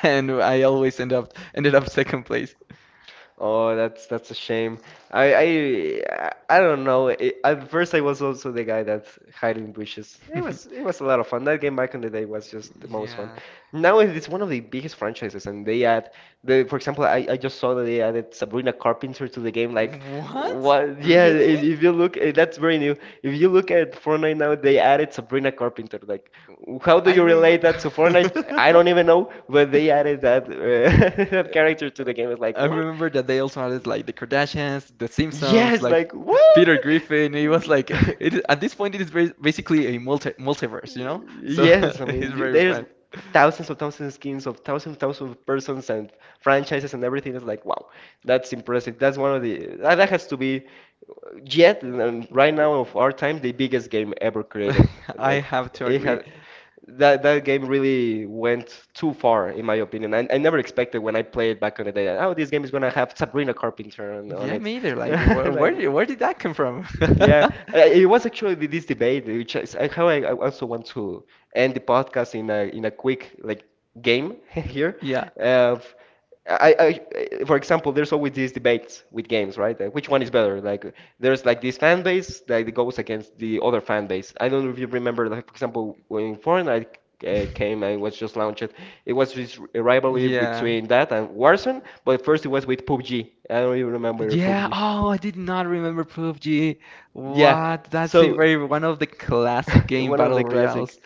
S2: and I always ended up second place.
S1: Oh, that's a shame. I don't know. It, at first, I was also the guy that's hiding bushes. It was it was a lot of fun. That game back in the day was just the most fun.
S2: Yeah.
S1: Now it is one of the biggest franchises, and they add the. For example, I just saw that they added Sabrina Carpenter to the game. Like,
S2: What?
S1: what? Yeah,
S2: Really?
S1: if you look, that's very new. If you look at Fortnite now, they added Sabrina Carpenter. Like, how do
S2: I
S1: you
S2: remember
S1: relate that to Fortnite? I don't even know, but they added that that character to the game. It's like,
S2: I
S1: what?
S2: remember that they also added like the Kardashians, the Simpsons,
S1: Yes,
S2: like
S1: like what?
S2: Peter Griffin. It was like at this point it is very, basically a multiverse, you know? So
S1: Yes, I
S2: it's
S1: mean you-
S2: very
S1: there's
S2: fun.
S1: thousands of skins of thousands of thousands of persons and franchises and everything. It's like wow, that's impressive. That's one of the that that has to be yet and right now of our time the biggest game ever created.
S2: I
S1: Like
S2: have to
S1: it
S2: agree.
S1: had that game really went too far in my opinion. I never expected when I played back in the day. That, oh, this game is gonna have Sabrina Carpenter on
S2: Yeah,
S1: it.
S2: me either. Like, wh where
S1: Like.
S2: did that come from?
S1: Yeah, it was actually this debate, which is how I also want to end the podcast in a quick like game here.
S2: Yeah,
S1: Uh, I, I, for example, there's always these debates with games, right? Like, which one is better? Like, there's like this fan base that like, goes against the other fan base. I don't know if you remember, like, for example, when Fortnite came and was just launched, it was this rivalry
S2: yeah,
S1: between that and Warzone, but first it was with PUBG. I don't even remember
S2: yeah.
S1: PUBG.
S2: Oh, I did not remember PUBG.
S1: Yeah.
S2: What? That's a
S1: So
S2: very one of the classic game
S1: one of
S2: battle
S1: the classic.
S2: royales.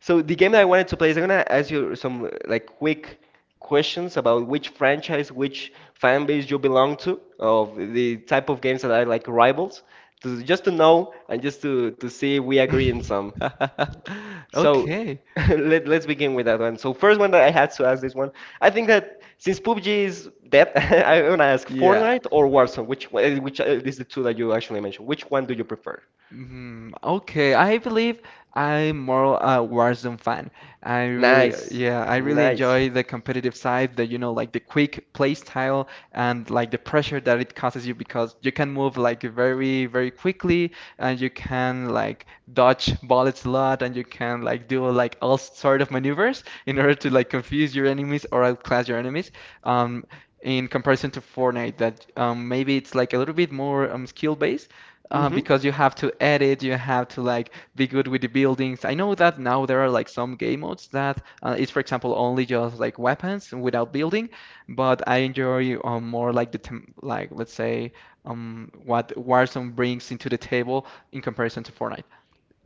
S1: So the game that I wanted to play is I'm gonna ask you some like quick questions about which franchise, which fan base you belong to, of the type of games that are like rivals, to just to know and just to see if we agree in some. So
S2: Okay.
S1: let's begin with that one. So first one that I had to ask this one, I think that since PUBG is dead, I'm gonna ask
S2: Yeah.
S1: Fortnite or Warzone, which one- which is the two that you actually mentioned. Which one do you prefer?
S2: Mm, okay, I believe I'm more a Warzone fan. I really,
S1: Nice,
S2: yeah, I really
S1: nice.
S2: enjoy the competitive side, the, you know, like the quick play style and like the pressure that it causes you because you can move like very, very quickly, and you can like dodge bullets a lot, and you can like do like all sort of maneuvers in order to like confuse your enemies or outclass your enemies. Um, in comparison to Fortnite, that maybe it's like a little bit more skill based
S1: hmm
S2: because you have to edit, you have to like be good with the buildings. I know that now there are like some game modes that for example, only just like weapons without building, but I enjoy more like the tem like let's say what Warzone brings into the table in comparison to Fortnite.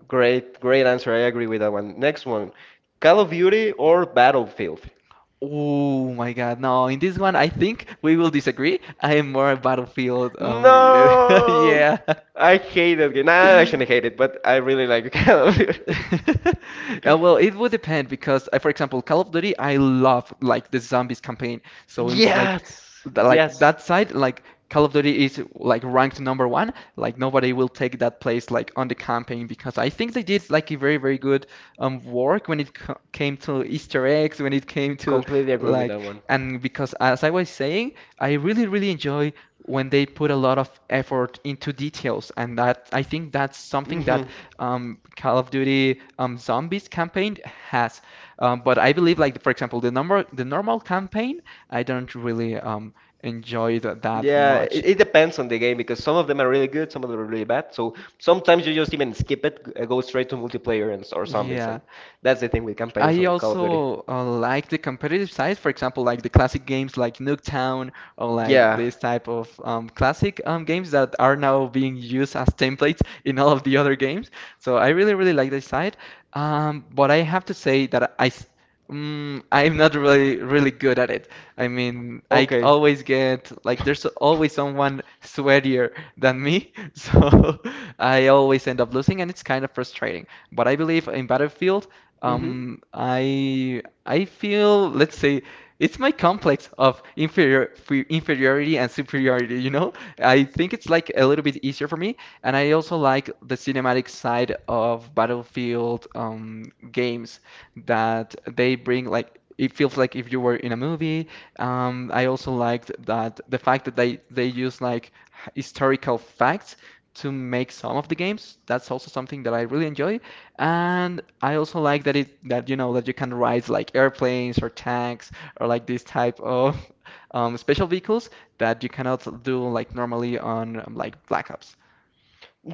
S1: Great, great answer. I agree with that one. Next one, Call of Duty or Battlefield?
S2: Oh my God, no! In this one, I think we will disagree. I am more a Battlefield.
S1: No,
S2: Yeah.
S1: I hate that game. No, I shouldn't hate it, but I really like Call of Duty.
S2: Well, it would depend because, for example, Call of Duty, I love like the zombies campaign. So it's like,
S1: Yes,
S2: like
S1: yes,
S2: that side, like Call of Duty is like ranked number one. Like nobody will take that place like on the campaign because I think they did like a very, very good work when it came to Easter eggs, when it came to
S1: completely agree with
S2: like.
S1: that one.
S2: And because as I was saying, I really, really enjoy when they put a lot of effort into details, and that I think that's something
S1: hmm
S2: that call of duty zombies campaign has but I believe like, for example, the normal campaign, I don't really enjoy that
S1: Yeah,
S2: much.
S1: it depends on the game because some of them are really good, some of them are really bad. So sometimes you just even skip it, g- go straight to multiplayer and s- or zombies,
S2: Yeah,
S1: and that's the thing with campaigns
S2: I
S1: on Call of Duty.
S2: also like the competitive side, for example, like the classic games like Nuketown or like
S1: Yeah.
S2: this type of classic games that are now being used as templates in all of the other games. So I really, really like this side. But I have to say that I'm not really, really good at it. I mean, I
S1: Okay.
S2: always get like there's always someone sweatier than me, so I always end up losing, and it's kind of frustrating. But I believe in Battlefield.
S1: hmm
S2: I feel, let's say, it's my complex of inferiority and superiority, you know? I think it's like a little bit easier for me, and I also like the cinematic side of Battlefield games that they bring, like it feels like if you were in a movie. I also liked that the fact that they use like historical facts to make some of the games. That's also something that I really enjoy. And I also like that you know that you can ride like airplanes or tanks or like this type of special vehicles that you cannot do like normally on like Black Ops.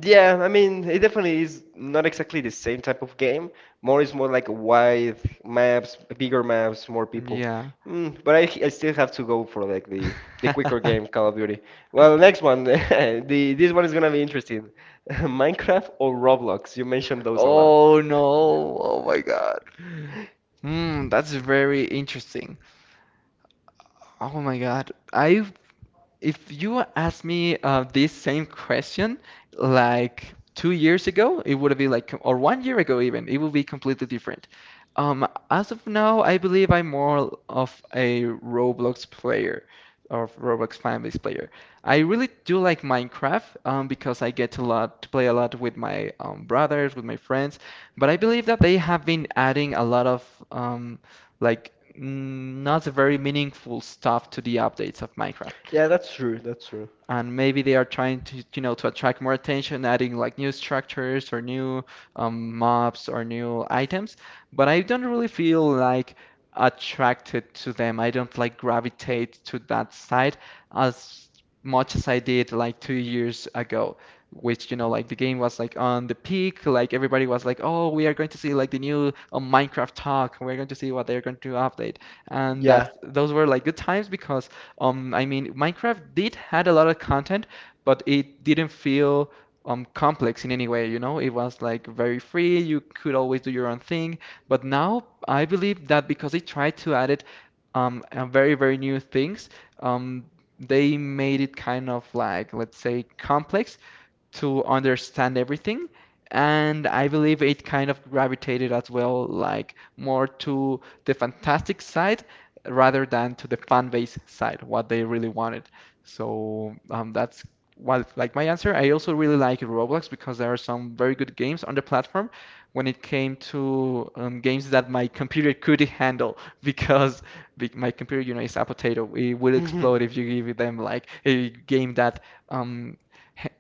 S1: Yeah, I mean, it definitely is not exactly the same type of game. More is more like wide maps, bigger maps, more people.
S2: Yeah.
S1: Mm, but I still have to go for like the quicker game, Call of Duty. Well, next one, the this one is gonna be interesting. Minecraft or Roblox? You mentioned those a lot.
S2: Oh no. Oh my God. That's very interesting. Oh my God. I If you asked me this same question like 2 years ago, it would be like, or one year ago even, it would be completely different. As of now, I believe I'm more of a Roblox player or Roblox fan-based player. I really do like Minecraft because I get a lot to play a lot with my brothers, with my friends, but I believe that they have been adding a lot of not very meaningful stuff to the updates of Minecraft,
S1: Yeah, that's true. That's true.
S2: and maybe they are trying to to attract more attention adding like new structures or new mobs or new items, but I don't really feel like attracted to them. I don't like gravitate to that side as much as I did like 2 years ago, which like the game was like on the peak. Like everybody was like, oh, we are going to see like the new Minecraft talk, we're going to see what they're going to update. And
S1: Yeah.
S2: that those were like good times because I mean, Minecraft did had a lot of content, but it didn't feel complex in any way, you know? It was like very free, you could always do your own thing. But now I believe that because they tried to add it very, very new things, um they made it kind of like, let's say, complex to understand everything. And I believe it kind of gravitated as well, like more to the fantastic side rather than to the fan base side, what they really wanted. So that's what like my answer. I also really like Roblox because there are some very good games on the platform. When it came to games that my computer could handle, because my computer, you know, is a potato. It will explode if you give them like a game that um,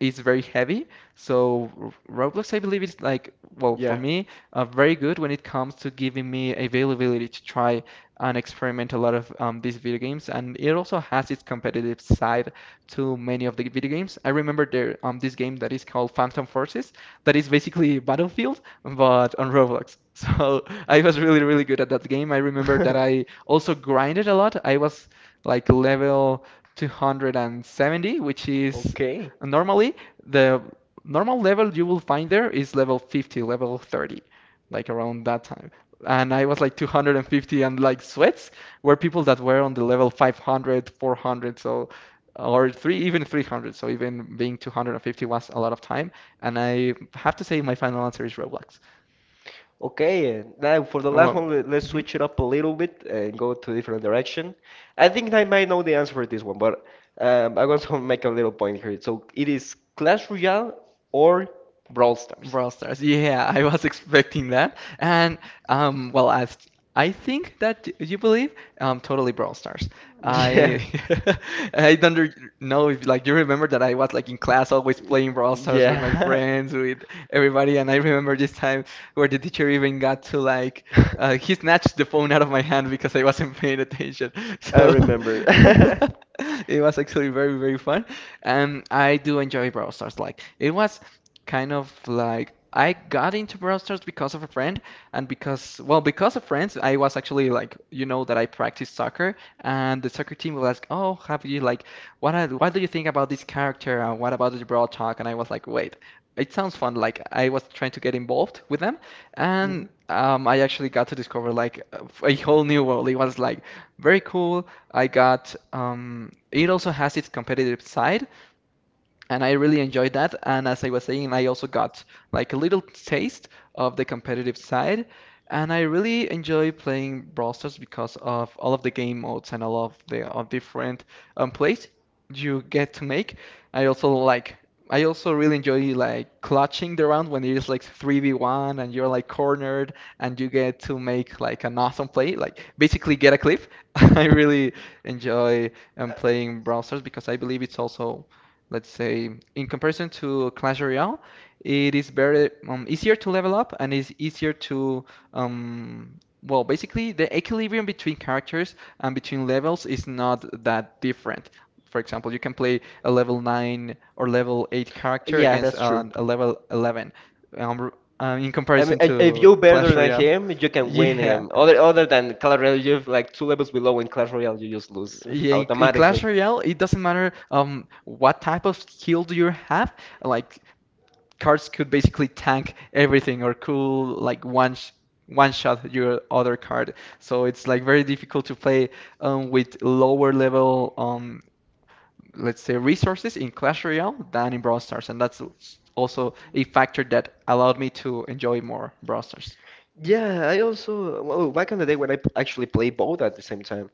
S2: is very heavy. So Roblox, I believe, is like, well, for
S1: Yeah.
S2: me, very good when it comes to giving me availability to try and experiment a lot of these video games. And it also has its competitive side to many of the video games. I remember there this game that is called Phantom Forces, that is basically Battlefield but on Roblox. So I was really really good at that game. I remember that I also grinded a lot. I was like level 270, which is
S1: Okay.
S2: normally the normal level you will find there is level 50, level 30, like around that time, and I was like 250, and like sweats were people that were on the level 500, 400, so or three even 300. So even being 250 was a lot of time. And I have to say my final answer is Roblox.
S1: Okay, and now for the
S2: Oh,
S1: last
S2: well,
S1: one, let's
S2: mhm.
S1: switch it up a little bit and go to a different direction. I think I might know the answer for this one, but I want to make a little point here. So it is Clash Royale or Brawl Stars?
S2: Brawl Stars. Yeah, I was expecting that. And well, as I think that you believe, totally Brawl Stars.
S1: Yeah,
S2: I I don't re- know if like you remember that I was like in class always
S1: Y-
S2: playing Brawl Stars with my
S1: yeah,
S2: friends, with everybody. And I remember this time where the teacher even got to like he snatched the phone out of my hand because I wasn't paying attention.
S1: I
S2: So
S1: remember.
S2: it was actually very very fun. And I do enjoy Brawl Stars. Like it was kind of like I got into Brawl Stars because of a friend, and because, well, because of friends, I was actually like, you know, that I practiced soccer, and the soccer team was like, "Oh, have you like, what are, what do you think about this character? And what about the Brawl talk?" And I was like, "Wait, it sounds fun." Like I was trying to get involved with them, and
S1: Mhm.
S2: I actually got to discover like a whole new world. It was like very cool. I got it also has its competitive side, and I really enjoyed that. And as I was saying, I also got like a little taste of the competitive side, and I really enjoy playing Brawl Stars because of all of the game modes and all of the of different plays you get to make. I also like. I also really enjoy like clutching the round when it is like 3v1 and you're like cornered and you get to make like an awesome play, like basically get a clip. I really enjoy playing Brawl Stars because I believe it's also let's say, in comparison to Clash Royale, it is very easier to level up, and it's easier to well, basically the equilibrium between characters and between levels is not that different. For example, you can play a level 9 or level 8 character
S1: Yeah,
S2: against
S1: that's true.
S2: a level 11 um, in
S1: I mean,
S2: comparison
S1: if
S2: to
S1: you're better
S2: Clash
S1: than
S2: Royale.
S1: him, you can win him.
S2: Yeah.
S1: Other other than Clash Royale, you're like two levels below in Clash Royale, you just lose
S2: Yeah, in Clash
S1: automatically.
S2: Royale, it doesn't matter what type of skill do you have. Like cards could basically tank everything or could like one shot your other card. So it's like very difficult to play with lower level let's say resources in Clash Royale than in Brawl Stars, and that's also a factor that allowed me to enjoy more Brawl Stars.
S1: Yeah, I also well, back in the day when I actually play both at the same time,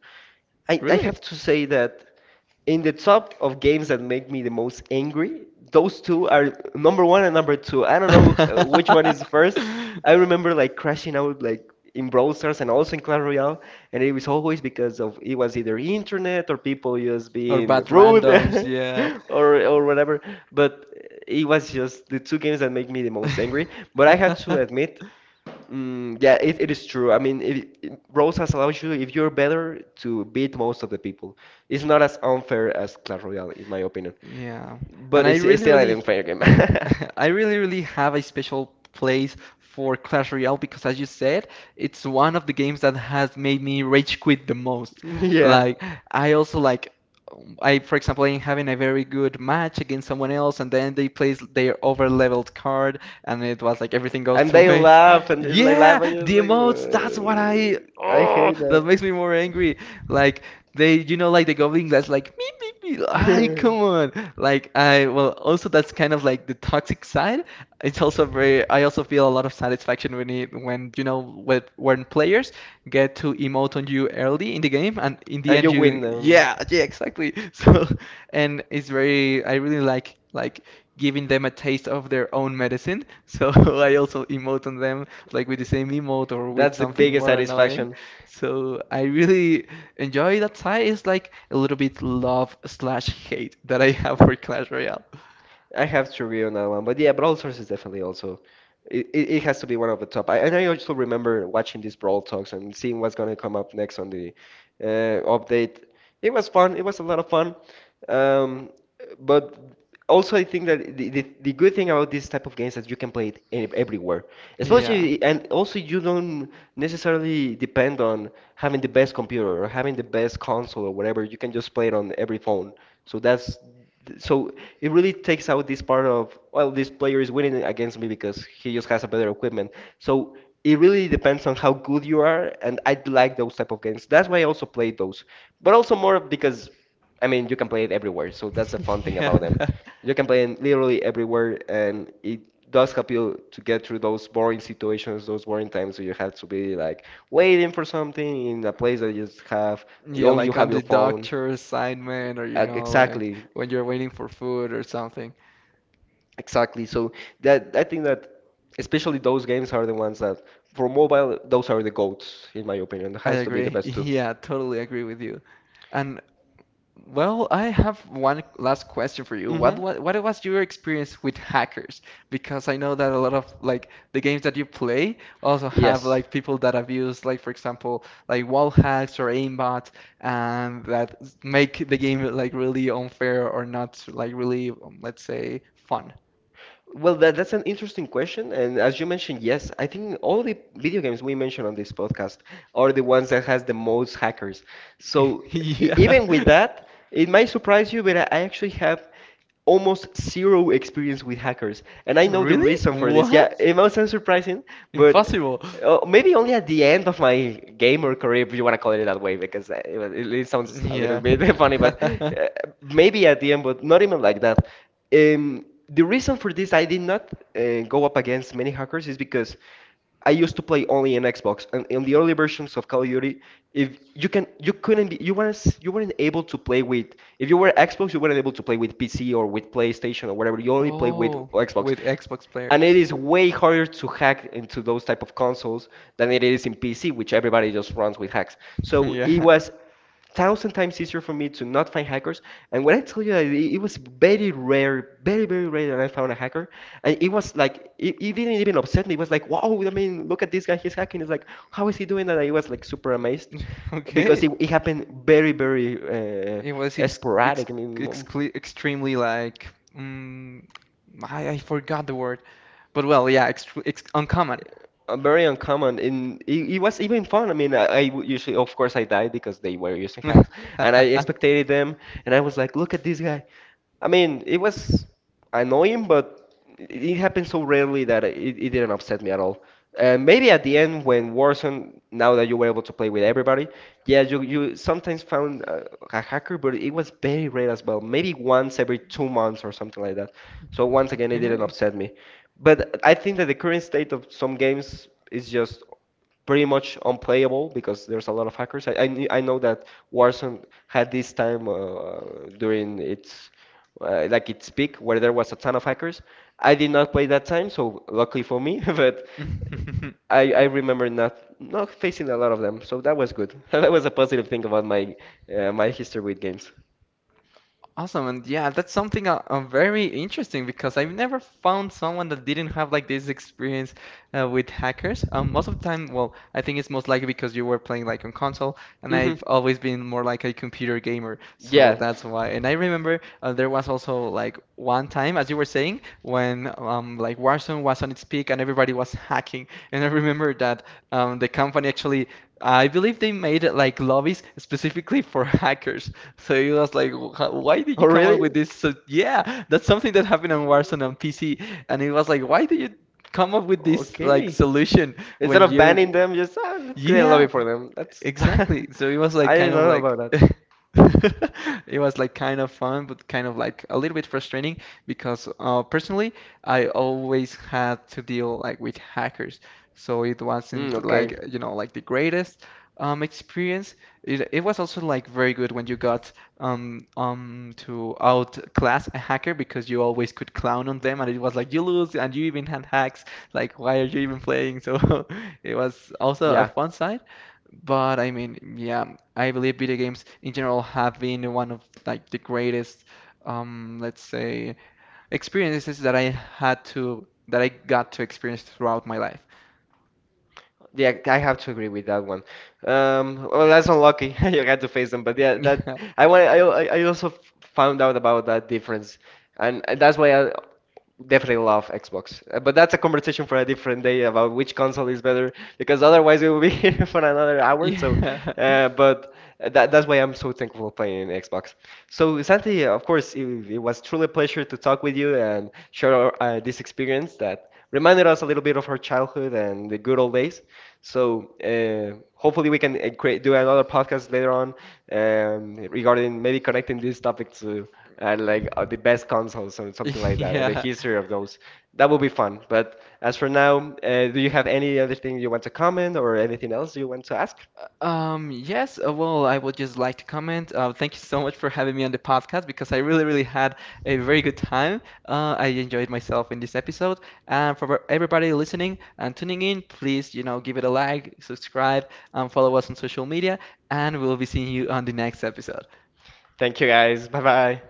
S1: I
S2: Really?
S1: have to say that in the top of games that make me the most angry, those two are number one and number two. I don't know which one is first. I remember like crashing out like in Brawl Stars and also in Clash Royale, and it was always because of it was either internet or people just
S2: Or
S1: being
S2: bad
S1: rude
S2: randoms, yeah.
S1: or whatever. But it was just the two games that make me the most angry. But I have to admit. Mm, yeah, it is true. I mean, it, Rosas allows you, if you're better, to beat most of the people. It's not as unfair as Clash Royale, in my opinion.
S2: Yeah. And
S1: But
S2: I
S1: it's
S2: really,
S1: still an
S2: really
S1: unfair game.
S2: I really, really have a special place for Clash Royale because, as you said, it's one of the games that has made me rage quit the most.
S1: Yeah.
S2: Like, I also like, I, for example, am having a very good match against someone else, and then they place their over-leveled card, and it was like everything goes
S1: And
S2: to
S1: they
S2: waste.
S1: laugh and they like
S2: Yeah,
S1: laugh and you're
S2: the
S1: like,
S2: emotes, that's what I,
S1: I
S2: oh,
S1: hate
S2: that
S1: that.
S2: makes me more angry. Like, they, you know, like the goblin that's like, me, me, me, ay, come on. Like, I, well, also that's kind of like the toxic side. It's also very, I also feel a lot of satisfaction when it, when, you know, when players get to emote on you early in the game and in the
S1: And
S2: end
S1: you
S2: you,
S1: win them.
S2: yeah, yeah, exactly. So, and it's very, I really like, giving them a taste of their own medicine. So I also emote on them like with the same emote or with
S1: That's the
S2: something
S1: biggest
S2: more annoying.
S1: satisfaction.
S2: So I really enjoy that side. It's like a little bit love slash hate that I have for Clash Royale.
S1: I have to agree on that one. But yeah, Brawl Stars is definitely also it has to be one of the top. I, and I also remember watching these Brawl Talks and seeing what's gonna come up next on the update. It was fun. It was a lot of fun. Um, but also I think that the good thing about this type of games is that you can play it everywhere.
S2: Yeah.
S1: Especially and also you don't necessarily depend on having the best computer or having the best console or whatever. You can just play it on every phone. So that's so it really takes out this part of well this player is winning against me because he just has a better equipment, so it really depends on how good you are, and I like those type of games, that's why I also play those, but also more because I mean you can play it everywhere, so that's the fun thing
S2: Yeah.
S1: about them. You can play it literally everywhere and it does help you to get through those boring situations, those boring times where you have to be like waiting for something in a place that you just have
S2: Yeah,
S1: only you
S2: like on
S1: have your
S2: the
S1: phone,
S2: doctor assignment or like
S1: exactly.
S2: when you're waiting for food or something.
S1: Exactly. So that I think that especially those games are the ones that for mobile those are the goats in my opinion. It
S2: I
S1: has to be the
S2: agree.
S1: best two.
S2: Yeah, totally agree with you. And well, I have one last question for you.
S1: Mm-hmm.
S2: What was your experience with hackers? Because I know that a lot of like the games that you play also have
S1: Yes.
S2: like people that abuse like for example like wall hacks or aimbots, and that make the game like really unfair or not like really let's say fun.
S1: Well, that, that's an interesting question, and as you mentioned, yes, I think all the video games we mentioned on this podcast are the ones that has the most hackers. So
S2: Yeah.
S1: even with that, it might surprise you, but I actually have almost zero experience with hackers, and I know the
S2: Really?
S1: reason for this. Yeah,
S2: What?
S1: it might sound surprising, but
S2: Impossible.
S1: oh, maybe only at the end of my gamer career, if you want to call it that way, because it, it sounds a little
S2: Yeah.
S1: bit funny, but maybe at the end, but not even like that. The reason for this, I did not go up against many hackers, is because I used to play only in Xbox, and in the early versions of Call of Duty, if you can, you couldn't be, you weren't able to play with. If you were Xbox, you weren't able to play with PC or with PlayStation or whatever. You only play with
S2: Oh,
S1: Xbox,
S2: with Xbox
S1: and it
S2: players.
S1: is way harder to hack into those type of consoles than it is in PC, which everybody just runs with hacks. So it
S2: Yeah.
S1: was thousand times easier for me to not find hackers. And when I tell you that it was very rare, very very rare that I found a hacker, and it was like it didn't even upset me. It was like, wow, I mean, look at this guy, he's hacking. It's like, how is he doing that? I was like super amazed because
S2: Okay.
S1: it happened very very
S2: It was ex ex
S1: sporadic. I mean.
S2: excl extremely like mm, I forgot the word, but well, yeah, extr ex uncommon.
S1: Very uncommon in it, it was even fun. I mean, I would usually of course I died because they were using hacks and I expected them and I was like look at this guy, I mean it was annoying but it happened so rarely that it didn't upset me at all, and maybe at the end when Warzone now that you were able to play with everybody yeah you sometimes found a hacker but it was very rare as well, maybe once every 2 months or something like that, so once again it didn't
S2: Okay.
S1: upset me, but I think that the current state of some games is just pretty much unplayable because there's a lot of hackers. Knew- I know that Warzone had this time during its like its peak where there was a ton of hackers. I did not play that time, so luckily for me, but I remember not not facing a lot of them, so that was good. That was a positive thing about my my history with games.
S2: Awesome, and yeah, that's something very interesting because I've never found someone that didn't have like this experience with hackers. Most of the time, well, I think it's most likely because you were playing like on console, and
S1: hmm
S2: I've always been more like a computer gamer, so
S1: Yeah.
S2: that's why. And I remember there was also like one time, as you were saying, when like Warzone was on its peak and everybody was hacking, and I remember that the company actually I believe they made it like lobbies specifically for hackers. So it was like, "Wh- how- why did you
S1: Oh,
S2: come up with
S1: really?
S2: this?" So yeah, that's something that happened on Warzone on PC, and it was like, why did you come up with this like
S1: Okay.
S2: solution
S1: Instead
S2: when
S1: of
S2: you,
S1: banning them, just ah, let's create a
S2: yeah,
S1: lobby for them. That's
S2: exactly. So it was like
S1: I
S2: kind
S1: didn't
S2: of
S1: know about
S2: like
S1: that.
S2: it was like kind of fun, but kind of like a little bit frustrating because personally, I always had to deal like with hackers. So it
S1: Mm,
S2: wasn't like
S1: okay.
S2: like the greatest experience. It was also like very good when you got to outclass a hacker because you always could clown on them and it was like you lose and you even had hacks. Like why are you even playing? So it was also a
S1: Yeah.
S2: fun side. But I mean, yeah, I believe video games in general have been one of like the greatest, let's say, experiences that I had to that I got to experience throughout my life.
S1: Yeah, I have to agree with that one. Well, that's unlucky. You had to face them, but yeah, that I want. I also found out about that difference, and that's why I definitely love Xbox. But that's a conversation for a different day about which console is better, because otherwise we will be here for another hour.
S2: Yeah,
S1: So,
S2: yeah,
S1: but that that's why I'm so thankful for playing Xbox. So, Santi, of course, it was truly a pleasure to talk with you and share our, this experience that reminded us a little bit of her childhood and the good old days. So hopefully we can create, do another podcast later on regarding maybe connecting this topic to like the best consoles or something like that, and the
S2: yeah.
S1: history of those. That would be fun. But as for now, do you have any other thing you want to comment or anything else you want to ask?
S2: Yes, well, I would just like to comment. Thank you so much for having me on the podcast because I really, really had a very good time. I enjoyed myself in this episode. And for everybody listening and tuning in, please, give it a like, subscribe, and follow us on social media. And we'll be seeing you on the next episode.
S1: Thank you guys. Bye bye.